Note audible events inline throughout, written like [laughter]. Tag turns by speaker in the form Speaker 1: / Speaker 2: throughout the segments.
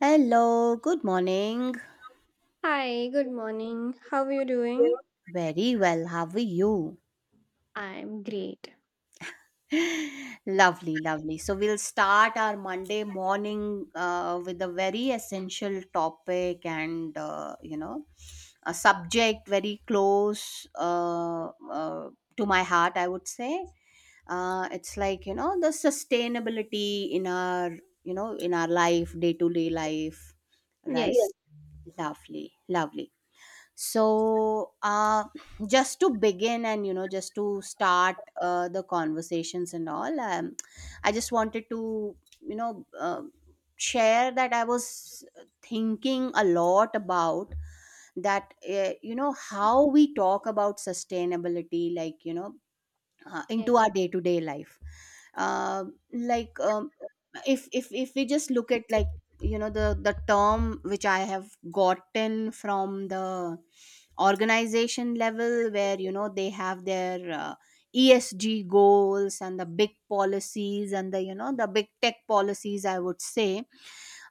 Speaker 1: Hello, good morning.
Speaker 2: Hi, good morning. How are you doing?
Speaker 1: Very well, how are you?
Speaker 2: I'm great.
Speaker 1: Lovely, lovely. So, we'll start our Monday morning with a very essential topic and, a subject very close uh, to my heart, I would say. It's like, the sustainability in our life, day to day life, right?
Speaker 2: Yes.
Speaker 1: Yes. Lovely, lovely. So just to begin and just to start the conversations and all. I just wanted to you know uh, share that I was thinking a lot about that, how we talk about sustainability,
Speaker 2: Yes.
Speaker 1: into our day to day life. Uh, like, if we just look at, the term which I have gotten from the organization level, where they have their ESG goals and the big policies and the you know the big tech policies, I would say.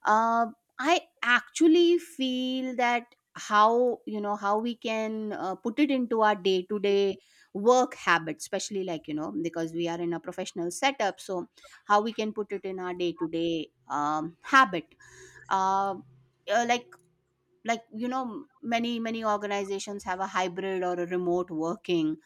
Speaker 1: uh, I actually feel that how you know how we can put it into our day to day work habits, especially, because we are in a professional setup, so how we can put it in our day to day habit. uh, uh, like like, many organizations have a hybrid or a remote working,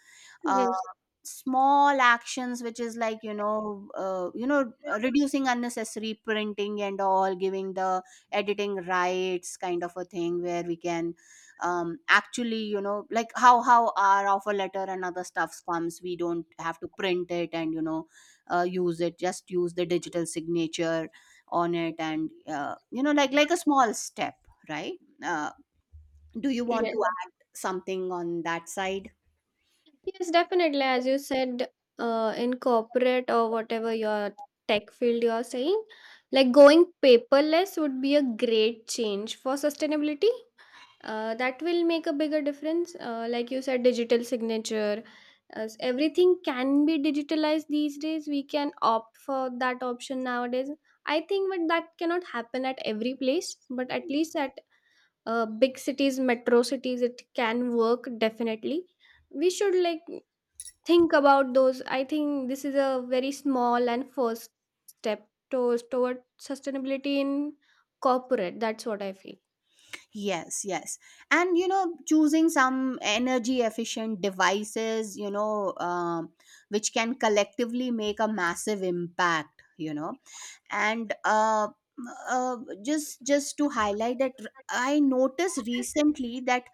Speaker 1: uh,
Speaker 2: Yes.
Speaker 1: small actions, which is reducing unnecessary printing and all, giving the editing rights kind of a thing where we can, actually, like, how our offer letter and other stuffs comes, we don't have to print it and use it just use the digital signature on it. And like a small step, right? Do you want
Speaker 2: Yes.
Speaker 1: to add something on that side?
Speaker 2: Yes, definitely. As you said, in corporate or whatever your tech field you are saying, like going paperless would be a great change for sustainability. That will make a bigger difference, like you said, digital signature, as everything can be digitalized these days, we can opt for that option nowadays, I think. But that cannot happen at every place, but at least at big cities, metro cities, it can work definitely. We should like think about those. I think this is a very small and first step towards toward sustainability in corporate, that's what I feel.
Speaker 1: Yes, yes. And choosing some energy efficient devices, which can collectively make a massive impact, And uh, just to highlight that, I noticed recently that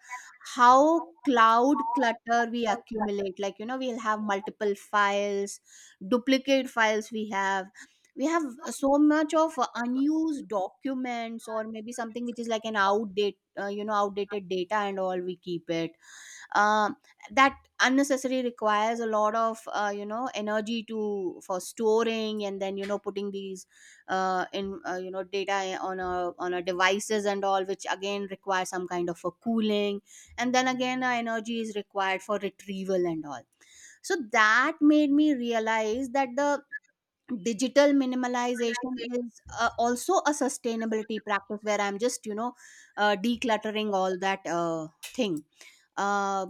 Speaker 1: how cloud clutter we accumulate. Like, we'll have multiple files, duplicate files we have so much of unused documents, or maybe something which is like an outdated data and all we keep it. um, that unnecessary requires a lot of energy to for storing, and then putting these in, data on a devices and all, which again requires some kind of a cooling, and then again energy is required for retrieval and all. So that made me realize that the digital minimalization is also a sustainability practice where I'm just decluttering all that thing. uh,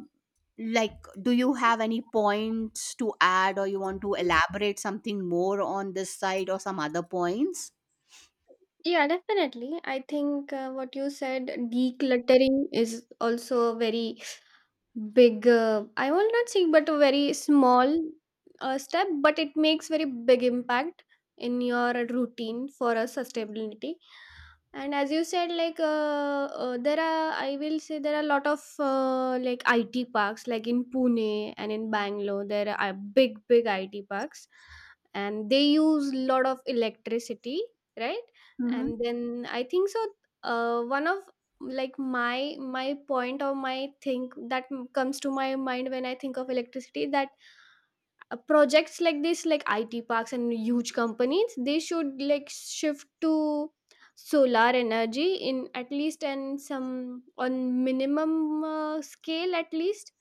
Speaker 1: like, do you have any points to add, or you want to elaborate something more on this side, or some other points?
Speaker 2: Yeah, definitely. I think what you said, decluttering is also a very big, I will not say, but a very small step, but it makes very big impact in your routine for a sustainability. And as you said, like there are, I will say there are a lot of, like IT parks, like in Pune and in Bangalore, there are big big IT parks, and they use a lot of electricity, right?
Speaker 1: Hmm.
Speaker 2: And then I think so, one of like my point or my thing that comes to my mind when I think of electricity that projects like this, like IT parks and huge companies, they should like shift to solar energy in at least and some on minimum scale at least.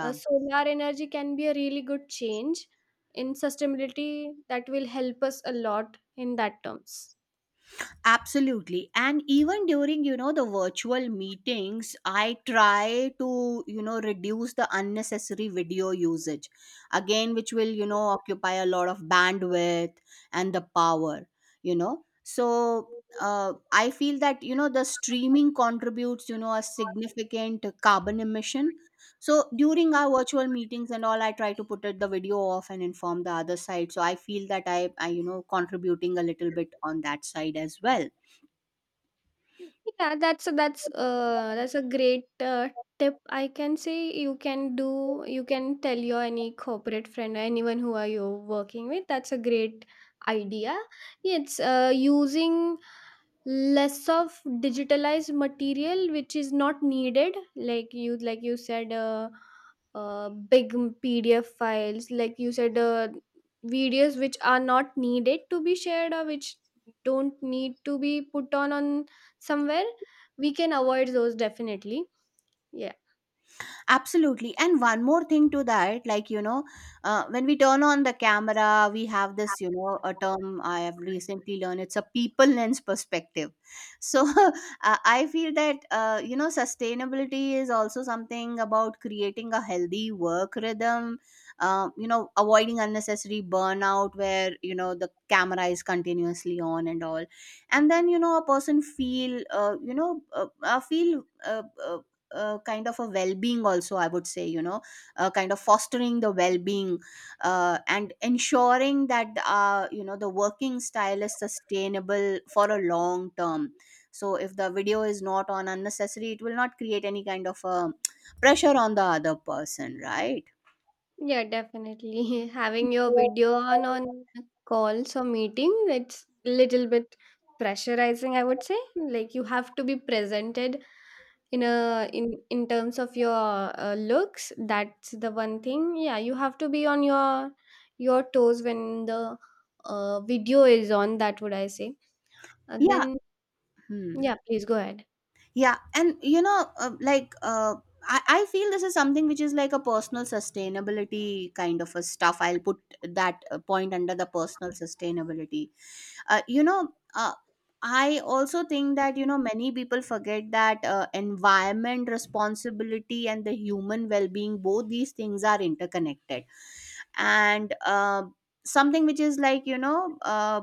Speaker 2: Uh, solar energy can be a really good change in sustainability that will help us a lot in that terms.
Speaker 1: Absolutely. And even during, the virtual meetings, I try to, reduce the unnecessary video usage. Again, which will, occupy a lot of bandwidth and the power, So I feel that, the streaming contributes, a significant carbon emission. So during our virtual meetings and all, I try to put it, the video off, and inform the other side. So I feel that I contributing a little bit on that side as well.
Speaker 2: Yeah, that's a great tip, I can say. You can do, you can tell your any corporate friend or anyone who are you working with. That's a great idea. It's using less of digitalized material which is not needed, like you said, big PDF files, like you said, videos which are not needed to be shared or which don't need to be put on somewhere, we can avoid those definitely. Yeah.
Speaker 1: Absolutely. And one more thing to that, like, when we turn on the camera, we have this, a term I have recently learned. It's a people lens perspective. So [laughs] I feel that, sustainability is also something about creating a healthy work rhythm, avoiding unnecessary burnout where, the camera is continuously on and all. And then, a person feel, feel. Kind of a well-being also, I would say, kind of fostering the well-being and ensuring that the working style is sustainable for a long term. So if the video is not on unnecessary, it will not create any kind of pressure on the other person, right?
Speaker 2: Yeah, definitely, [laughs] having your video on calls or meeting, it's little bit pressurizing, I would say. Like you have to be presented in a in in terms of your, looks. That's the one thing. Yeah, you have to be on your toes when the, video is on, that would I say,
Speaker 1: Yeah.
Speaker 2: then
Speaker 1: Hmm.
Speaker 2: yeah please go ahead.
Speaker 1: Yeah, and like, I feel this is something which is like a personal sustainability kind of a stuff. I'll put that point under the personal sustainability. Uh, you know, uh, I also think that many people forget that environment responsibility and the human well-being, both these things are interconnected. And something which is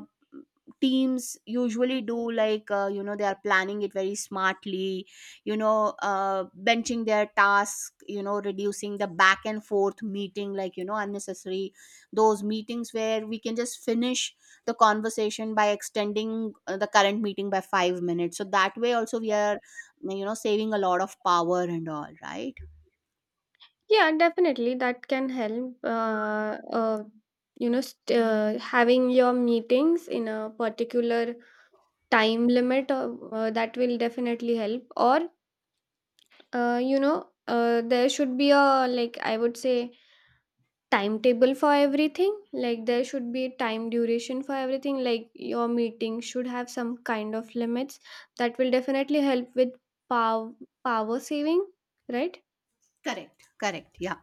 Speaker 1: teams usually do, like they are planning it very smartly, benching their task, reducing the back and forth meeting, unnecessary, those meetings where we can just finish the conversation by extending the current meeting by 5 minutes, so that way also we are, saving a lot of power and all, right?
Speaker 2: Yeah, definitely that can help, you know, having your meetings in a particular time limit, that will definitely help. Or, you know, there should be a, like I would say, timetable for everything. Like there should be time duration for everything, like your meeting should have some kind of limits. That will definitely help with power, power saving, right?
Speaker 1: Correct, correct, yeah.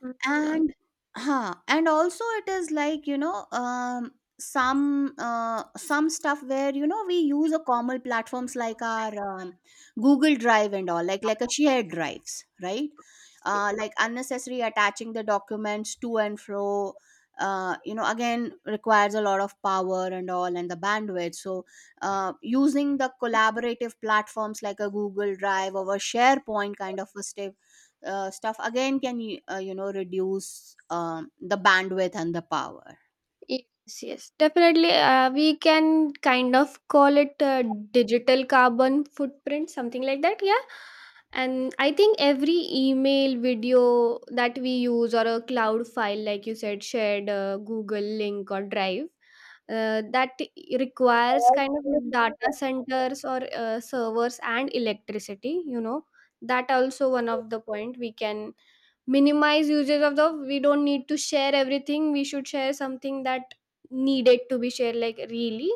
Speaker 2: Mhm.
Speaker 1: And and also it is, some stuff where we use a common platforms, like our, Google Drive and all, like a shared drives, right?
Speaker 2: Yes.
Speaker 1: Like unnecessary attaching the documents to and fro, again requires a lot of power and all, and the bandwidth. So using the collaborative platforms, like a Google Drive or a SharePoint kind of a stay stuff, again can reduce the bandwidth and the power.
Speaker 2: Yes, yes, definitely. We can kind of call it, digital carbon footprint, something like that. Yeah. And I think every email, video that we use, or a cloud file, like you said, shared Google link or Drive, that requires kind of data
Speaker 1: [laughs]
Speaker 2: centers or servers and electricity. You know, that also one of the point we can minimize usage of. The we don't need to share everything, we should share something that needed to be shared, like really.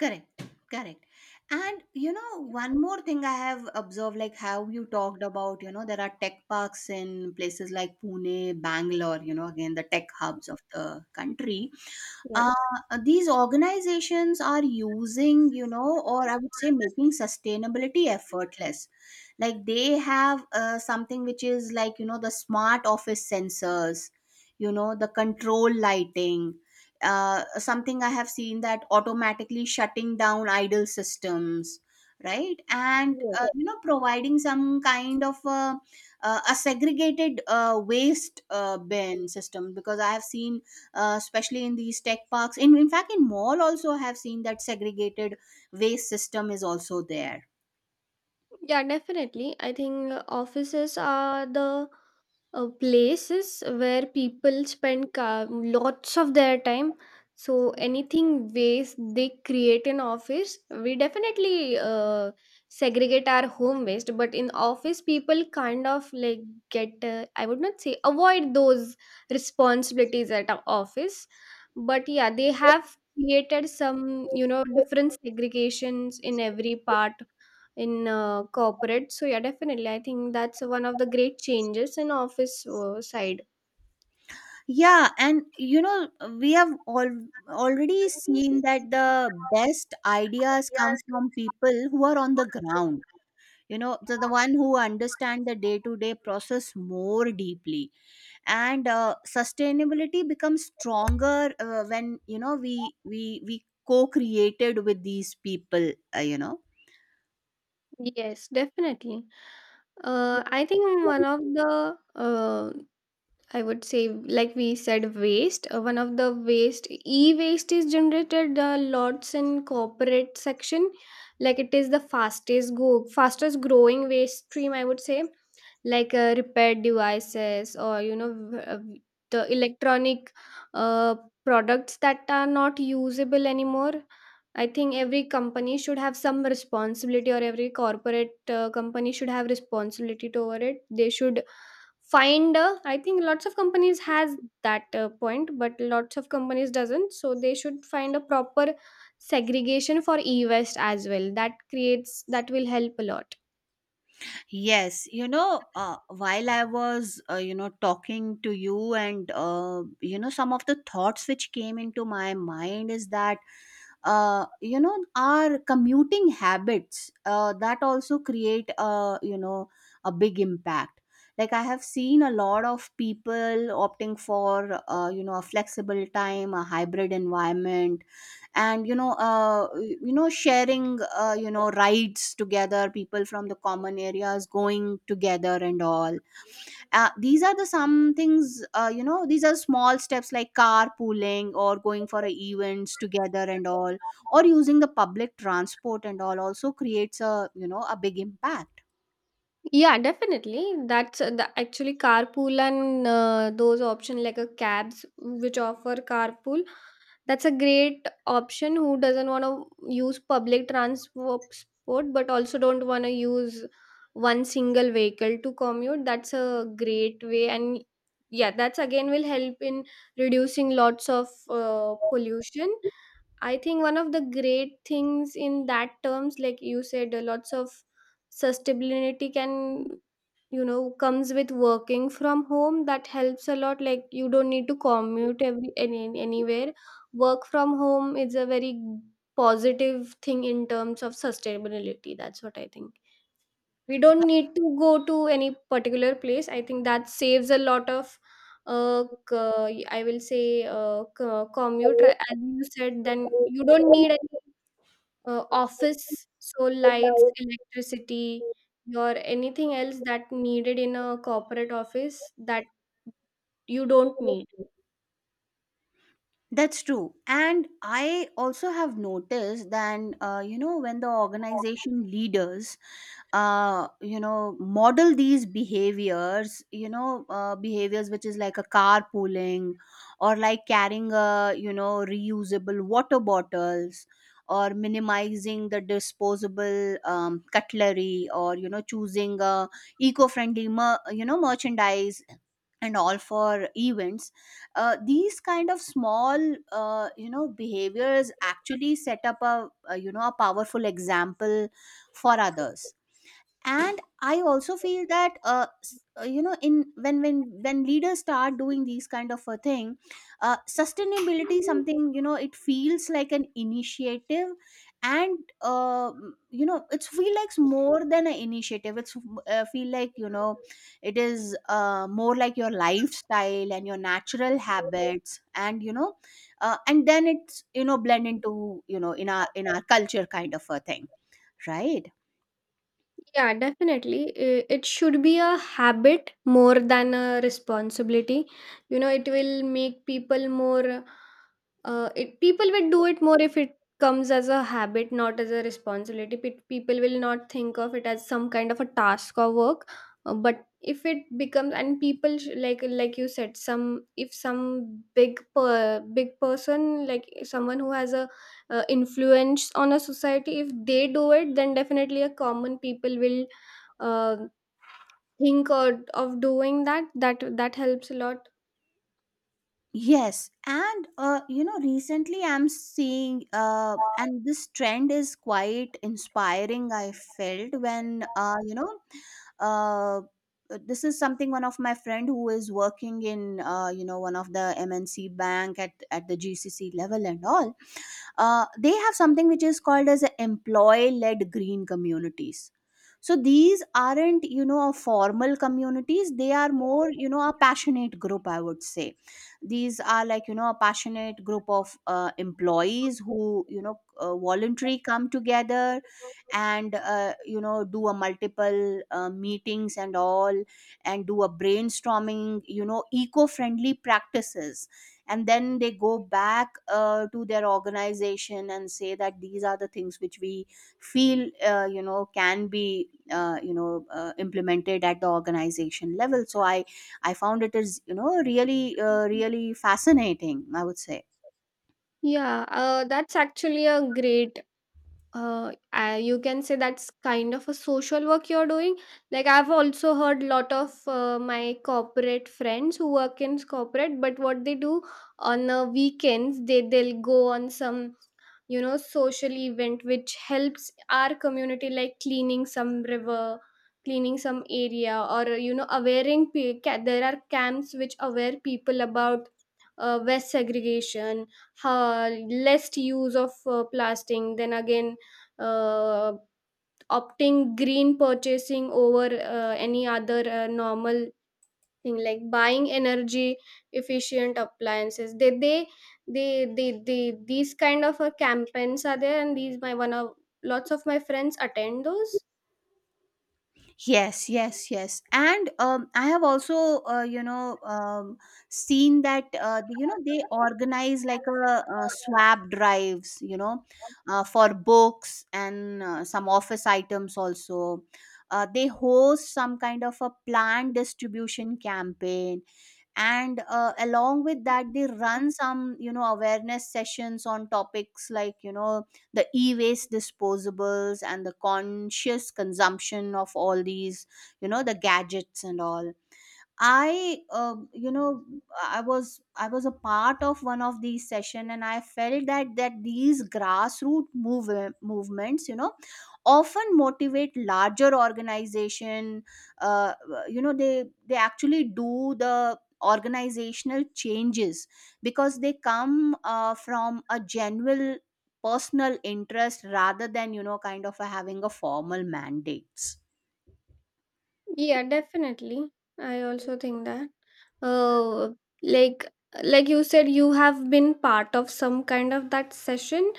Speaker 1: Correct, correct. And one more thing I have observed, like, how you talked about, there are tech parks in places like Pune, Bangalore, again, the tech hubs of the country. uh, these organizations are using, or I would say, making sustainability effortless. Like, they have something which is the smart office sensors, the control lighting. Something I have seen, that automatically shutting down idle systems, right? And providing some kind of a segregated waste bin system. Because I have seen, especially in these tech parks, in fact in mall also, I have seen that segregated waste system is also there.
Speaker 2: Yeah, definitely, I think offices are the, places where people spend lots of their time. So anything waste they create in office, we definitely segregate our home waste, but in office people kind of like get, I would not say avoid those responsibilities at our office, but yeah, they have created some, you know, different segregations in every part in corporate. So yeah, definitely, I think that's one of the great changes in office side.
Speaker 1: Yeah, and we have all already seen that the best ideas come from people who are on the ground, the one who understand the day-to-day process more deeply. And sustainability becomes stronger when we co-created with these people,
Speaker 2: Yes, definitely. I think one of the, I would say, like we said, waste. One of the waste, e-waste is generated lots in corporate section. Like it is the fastest growing waste stream, I would say, like repaired devices or you know, the electronic, uh, products that are not usable anymore. I think every company should have some responsibility, or every corporate company should have responsibility toward it. They should find, I think lots of companies has that point, but lots of companies doesn't, so they should find a proper segregation for e-waste as well. That creates, that will help a lot.
Speaker 1: Yes, while I was, talking to you, and, some of the thoughts which came into my mind is that, our commuting habits, that also create a, a big impact. Like I have seen a lot of people opting for a flexible time, a hybrid environment. And sharing, rides together, people from the common areas going together and all. These are the some things, these are small steps, like carpooling or going for a events together and all, or using the public transport and all, also creates a, a big impact.
Speaker 2: Yeah, definitely. That's the actually carpool and those option like a cabs which offer carpool. That's a great option who doesn't want to use public transport but also don't want to use one single vehicle to commute. That's a great way, and yeah, that's again will help in reducing lots of pollution. I think one of the great things in that terms, like you said, lots of sustainability can, you know, comes with working from home. That helps a lot. Like you don't need to commute every any, anywhere. Work from home is a very positive thing in terms of sustainability, that's what I think. We don't need to go to any particular place. I think that saves a lot of, I will say, commute, right? As you said, then you don't need any, office, so lights, electricity, or anything else that needed in a corporate office, that you don't need.
Speaker 1: That's true. And I also have noticed that, when the organization leaders, model these behaviors, behaviors which is like a carpooling, or like carrying a, reusable water bottles, or minimizing the disposable cutlery, or, choosing a eco-friendly, merchandise and all for events. These kind of small behaviors actually set up a a powerful example for others. And I also feel that in when leaders start doing these kind of a thing, sustainability is something, it feels like an initiative. And it's feel like more than an initiative. It's feel like, it is, more like your lifestyle and your natural habits. And and then it's, blend into, in our culture kind of a thing, right?
Speaker 2: Yeah, definitely. I- It should be a habit more than a responsibility. You know, it will make people more, it, people will do it more if it comes as a habit, not as a responsibility. Pe- People will not think of it as some kind of a task or work. But if it becomes, and people like you said, some, if some big big person, like someone who has a, influence on a society, if they do it, then definitely a common people will, uh, think or, of doing that, that that helps a lot.
Speaker 1: Yes, and recently I'm seeing, and this trend is quite inspiring. I felt when, uh, this is something one of my friend who is working in, one of the MNC bank at the GCC level and all. They have something which is called as employee led green communities. So these aren't, a formal communities. They are more, a passionate group, I would say. These are like, a passionate group of employees who, voluntarily come together, and do a multiple meetings and all, and do a brainstorming, eco-friendly practices. And then they go back, to their organization and say that these are the things which we feel can be implemented at the organization level. So I found it is, really, really fascinating, I would say.
Speaker 2: Yeah, that's actually a great, you can say that's kind of a social work you're doing. Like I've also heard lot of my corporate friends who work in corporate, but what they do on the weekends, they they'll go on some, you know, social event which helps our community, like cleaning some river, cleaning some area, or you know, awareing there are camps which aware people about waste segregation, how less use of plastic, then again, uh, opting green purchasing over any other normal thing, like buying energy efficient appliances. They these kind of campaigns are there, and these my one of lots of my friends attend those.
Speaker 1: Yes, yes, yes. And I have also, seen that, they organize like a, swap drives, for books and some office items also. They host some kind of a planned distribution campaign. And along with that they run some, awareness sessions on topics like, the e-waste disposables and the conscious consumption of all these, the gadgets and all. I, uh, you know, I was a part of one of these session, and I felt that these grassroots movements, often motivate larger organization. Uh, they actually do the organizational changes because they come, from a general personal interest rather than, kind of a having a formal mandates.
Speaker 2: Yeah, definitely. I also think that. Uh, like like you said, you have been part of some kind of that session.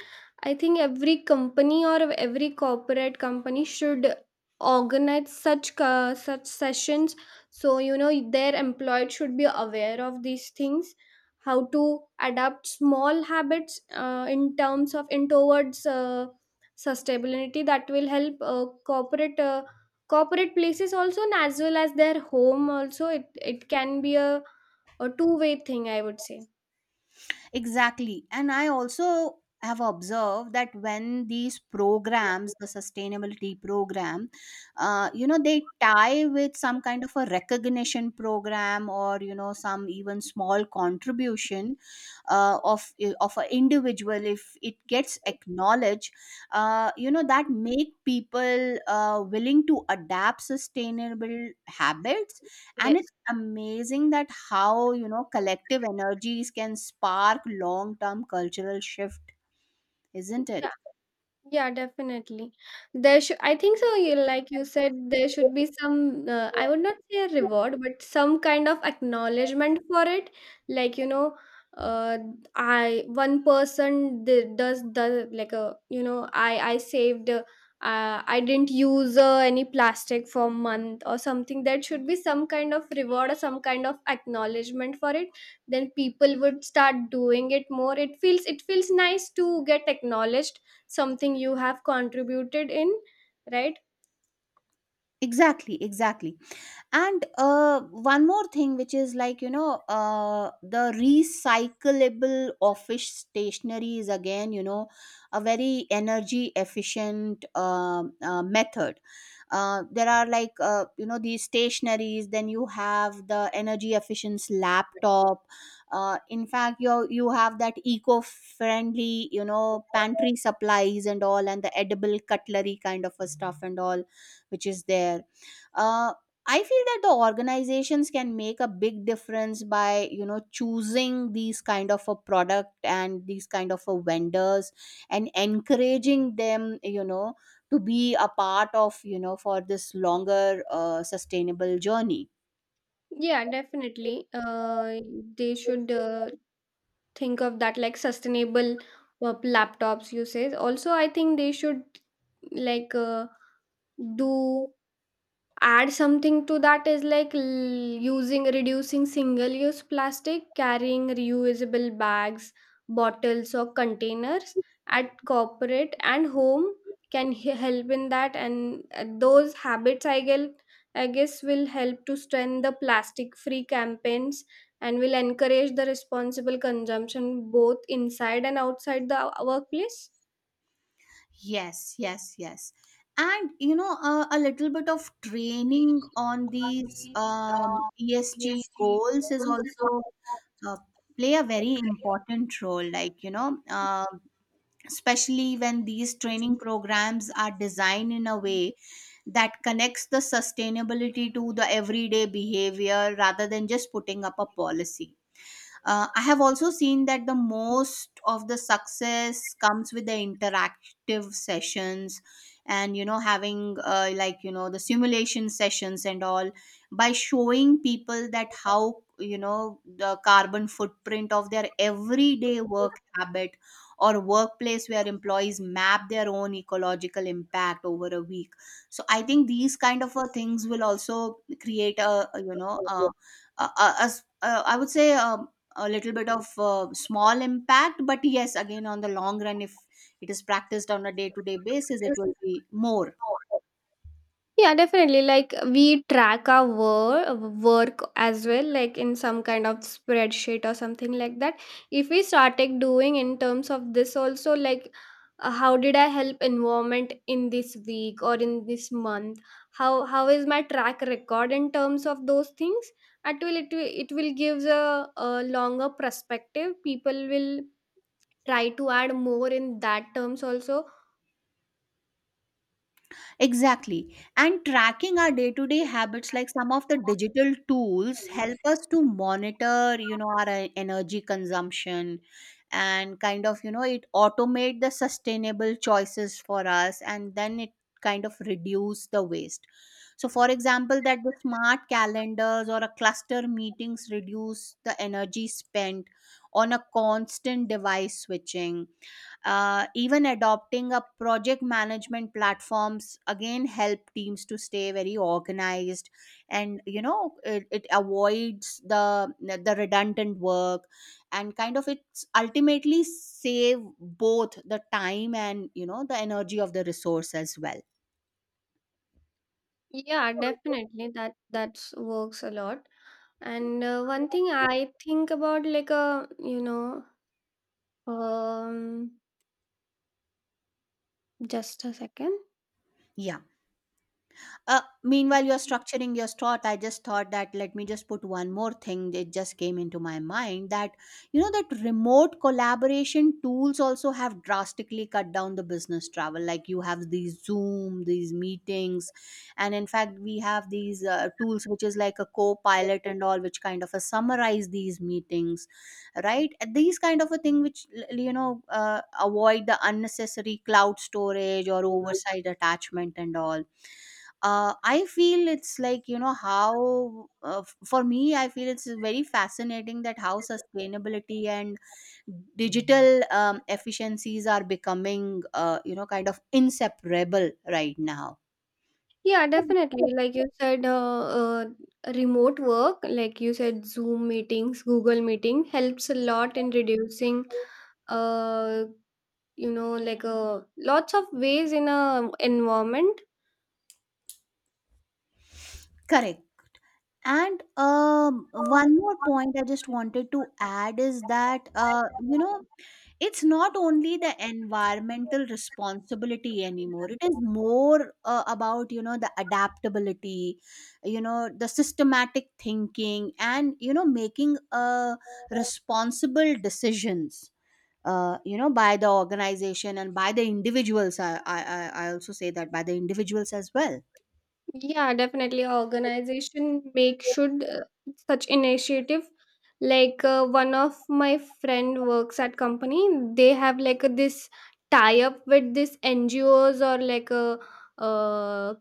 Speaker 2: I think every company or every corporate company should organize such sessions. So you know, their employed should be aware of these things, how to adapt small habits in terms of in towards sustainability. That will help corporate, corporate places also, and as well as their home also. It can be a two-way thing, I would say.
Speaker 1: Exactly. And I also have observed that when these programs, the sustainability program, they tie with some kind of a recognition program or, some even small contribution uh, of, of an individual, if it gets acknowledged, that make people willing to adapt sustainable habits. And it amazing that how, collective energies can
Speaker 2: Yes.
Speaker 1: spark long term cultural shift, isn't it?
Speaker 2: Yeah, definitely. There should, I think so. You, like you said, there should be some, I would not say a reward, but some kind of acknowledgement for it. Like, you know, uh, I, one person did, does the, like a, you know, I saved, I didn't use any plastic for a month or something. There should be some kind of reward or some kind of acknowledgement for it. Then people would start doing it more. It feels nice to get acknowledged something you have contributed in, right?
Speaker 1: Exactly, exactly. And one more thing which is like, the recyclable office stationery is again, a very energy efficient method. There are like, these stationaries. Then you have the energy efficient laptop. In fact, you have that eco friendly, pantry supplies and all, and the edible cutlery kind of a stuff and all, which is there. Uh, I feel that the organizations can make a big difference by, choosing these kind of a product and these kind of a vendors, and encouraging them, to be a part of, for this longer sustainable journey.
Speaker 2: Yeah, definitely, they should, think of that, like sustainable laptops you say also, I think they should like do add something to that, is like, using reducing single use plastic, carrying reusable bags, bottles or containers at corporate and home can help in that. And those habits, I guess, I guess will help to strengthen the plastic free campaigns, and will encourage the responsible consumption both inside and outside the workplace.
Speaker 1: Yes, yes, yes. And a little bit of training on these ESG goals is also uh, play a very important role, like, especially when these training programs are designed in a way that connects the sustainability to the everyday behavior rather than just putting up a policy. I have also seen that the most of the success comes with the interactive sessions, and having like, the simulation sessions and all, by showing people that how, the carbon footprint of their everyday work habit or workplace where employees map their own ecological impact over a week. So I think these kind of things will also create I would say, a little bit of small impact. But yes, again, on the long run, if it is practiced on a day to day basis, it will be more.
Speaker 2: Yeah, definitely. Like we track our work as well, like in some kind of spreadsheet or something like that. If we started doing in terms of this also, like, how did I help environment in this week or in this month? How is my track record in terms of those things? It will it will, it will give a longer perspective. People will try to add more in that terms also.
Speaker 1: Exactly. And tracking our day to day habits, like some of the digital tools help us to monitor, our energy consumption, and kind of, it automate the sustainable choices for us, and then it kind of reduce the waste. So, for example, that the smart calendars or a cluster meetings reduce the energy spent on a constant device switching. Even adopting a project management platforms again help teams to stay very organized, and it avoids the redundant work, and kind of it's ultimately save both the time and, the energy of the resource as well.
Speaker 2: Yeah, definitely. That that's works a lot. And one thing I think about, like a, you know, um, just a second.
Speaker 1: Yeah. Meanwhile, you're structuring your thought. I just thought that let me just put one more thing. It just came into my mind that that remote collaboration tools also have drastically cut down the business travel. Like you have these Zoom, these meetings, and in fact, we have these tools which is like a co-pilot and all, which kind of a summarize these meetings, right? And these kind of a thing which avoid the unnecessary cloud storage or oversight attachment and all. I feel it's like, how, for me, I feel it's very fascinating that how sustainability and digital efficiencies are becoming, kind of inseparable right now.
Speaker 2: Yeah, definitely. Like you said, remote work, like you said, Zoom meetings, Google meeting helps a lot in reducing, uh, you know, like lots of ways in a environment.
Speaker 1: Correct. And one more point I just wanted to add is that, it's not only the environmental responsibility anymore, it is more, about, the adaptability, the systematic thinking, and, making responsible decisions, by the organization and by the individuals. I also say that by the individuals as well.
Speaker 2: Yeah, definitely. Organization make should such initiative. Like one of my friend works at company. They have like a, this tie up with this NGOs, or like a, uh,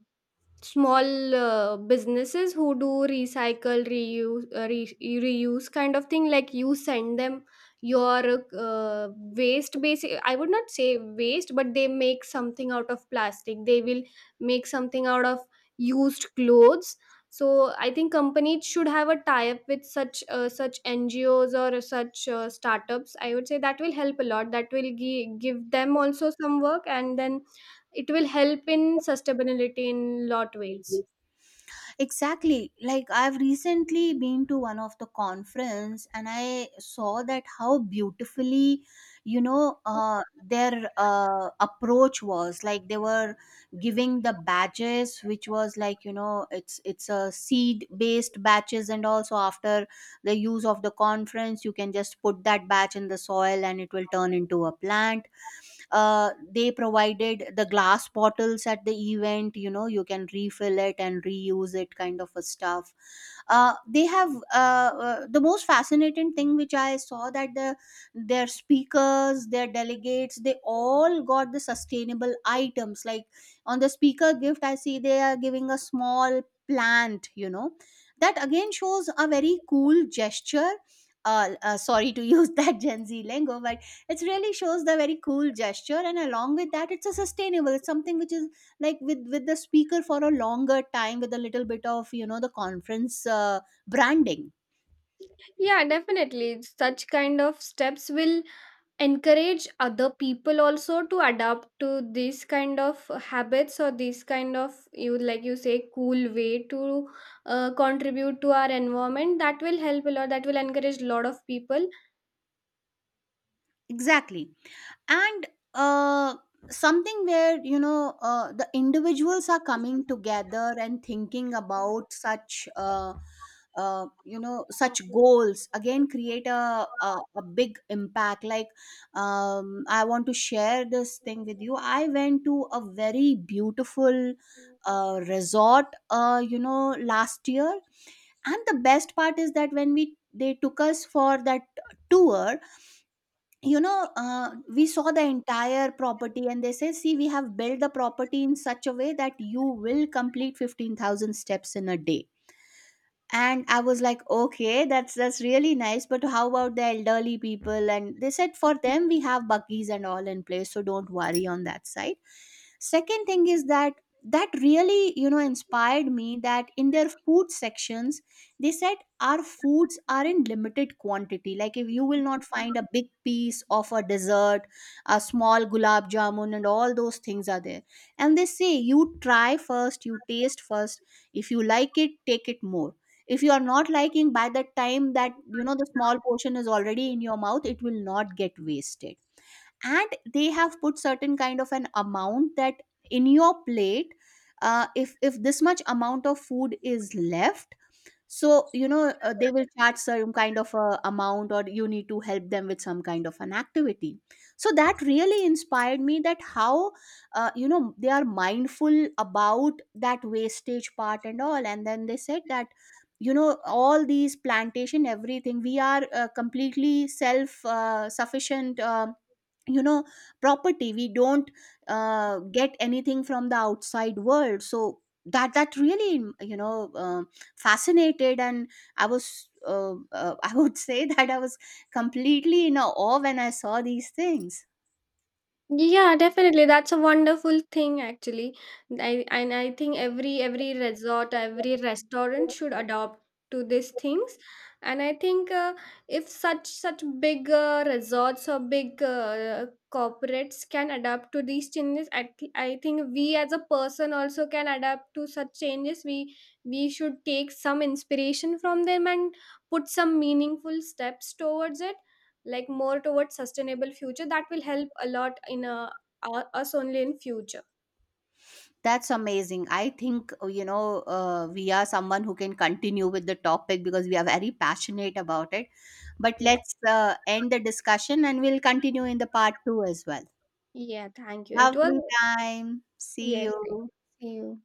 Speaker 2: small businesses who do recycle, reuse, reuse kind of thing, like you send them your, waste basic, I would not say waste, but they make something out of plastic, they will make something out of used clothes. So I think companies should have a tie up with such, such NGOs or such, startups, I would say. That will help a lot, that will give them also some work, and then it will help in sustainability in lot ways.
Speaker 1: Exactly. Like I've recently been to one of the conference, and I saw that how beautifully, their approach was. Like they were giving the badges which was like, it's a seed based batches. And also after the use of the conference, you can just put that batch in the soil and it will turn into a plant. They provided the glass bottles at the event, you can refill it and reuse it, kind of a stuff. They have, the most fascinating thing which I saw that their speakers, their delegates, they all got the sustainable items. Like on the speaker gift, I see they are giving a small plant, that again shows a very cool gesture. Sorry to use [laughs] that Gen Z lingo, but it really shows the very cool gesture. And along with that, it's a sustainable, it's something which is like with the speaker for a longer time, with a little bit of, the conference branding.
Speaker 2: Yeah, definitely, such kind of steps will encourage other people also to adapt to these kind of habits, or these kind of, you like you say, cool way to contribute to our environment. That will help a lot, that will encourage a lot of people.
Speaker 1: Exactly. And uh, something where, the individuals are coming together and thinking about such such goals again create a big impact. Like I want to share this thing with you. I went to a very beautiful resort, last year. And the best part is that when we they took us for that tour, we saw the entire property. And they say, see, we have built the property in such a way that you will complete 15,000 steps in a day. And I was like, okay, that's really nice, but how about the elderly people? And they said, for them we have buggies and all in place, so don't worry on that side. Second thing is that that really, inspired me that in their food sections, they said our foods are in limited quantity. Like if you will not find a big piece of a dessert, a small gulab jamun and all those things are there. And they say, you try first, you taste first. If you like it, take it more. If you are not liking, by the time that, the small portion is already in your mouth, it will not get wasted. And they have put certain kind of an amount that in your plate, if this much amount of food is left, so, they will charge some kind of a amount or you need to help them with some kind of an activity. So that really inspired me that how, they are mindful about that wastage part and all. And then they said that, all these plantation everything, we are completely self sufficient, you know property. We don't get anything from the outside world. So that that really, fascinated. And I was [laughs] I would say that I was completely in awe when I saw these things.
Speaker 2: Yeah, definitely. That's a wonderful thing actually. I and I think every resort, every restaurant should adopt to these things. And I think, if such such big resorts or big corporates can adapt to these changes, I, I think we as a person also can adapt to such changes. We should take some inspiration from them, and put some meaningful steps towards it, like more towards sustainable future. That will help a lot in, us only in future.
Speaker 1: That's amazing. I think, we are someone who can continue with the topic because we are very passionate about it, but
Speaker 2: Yeah.
Speaker 1: let's end the discussion, and we'll continue in the part 2 as well.
Speaker 2: Yeah. Thank you. It was
Speaker 1: Lovely time. See
Speaker 2: yes.
Speaker 1: you.
Speaker 2: See you.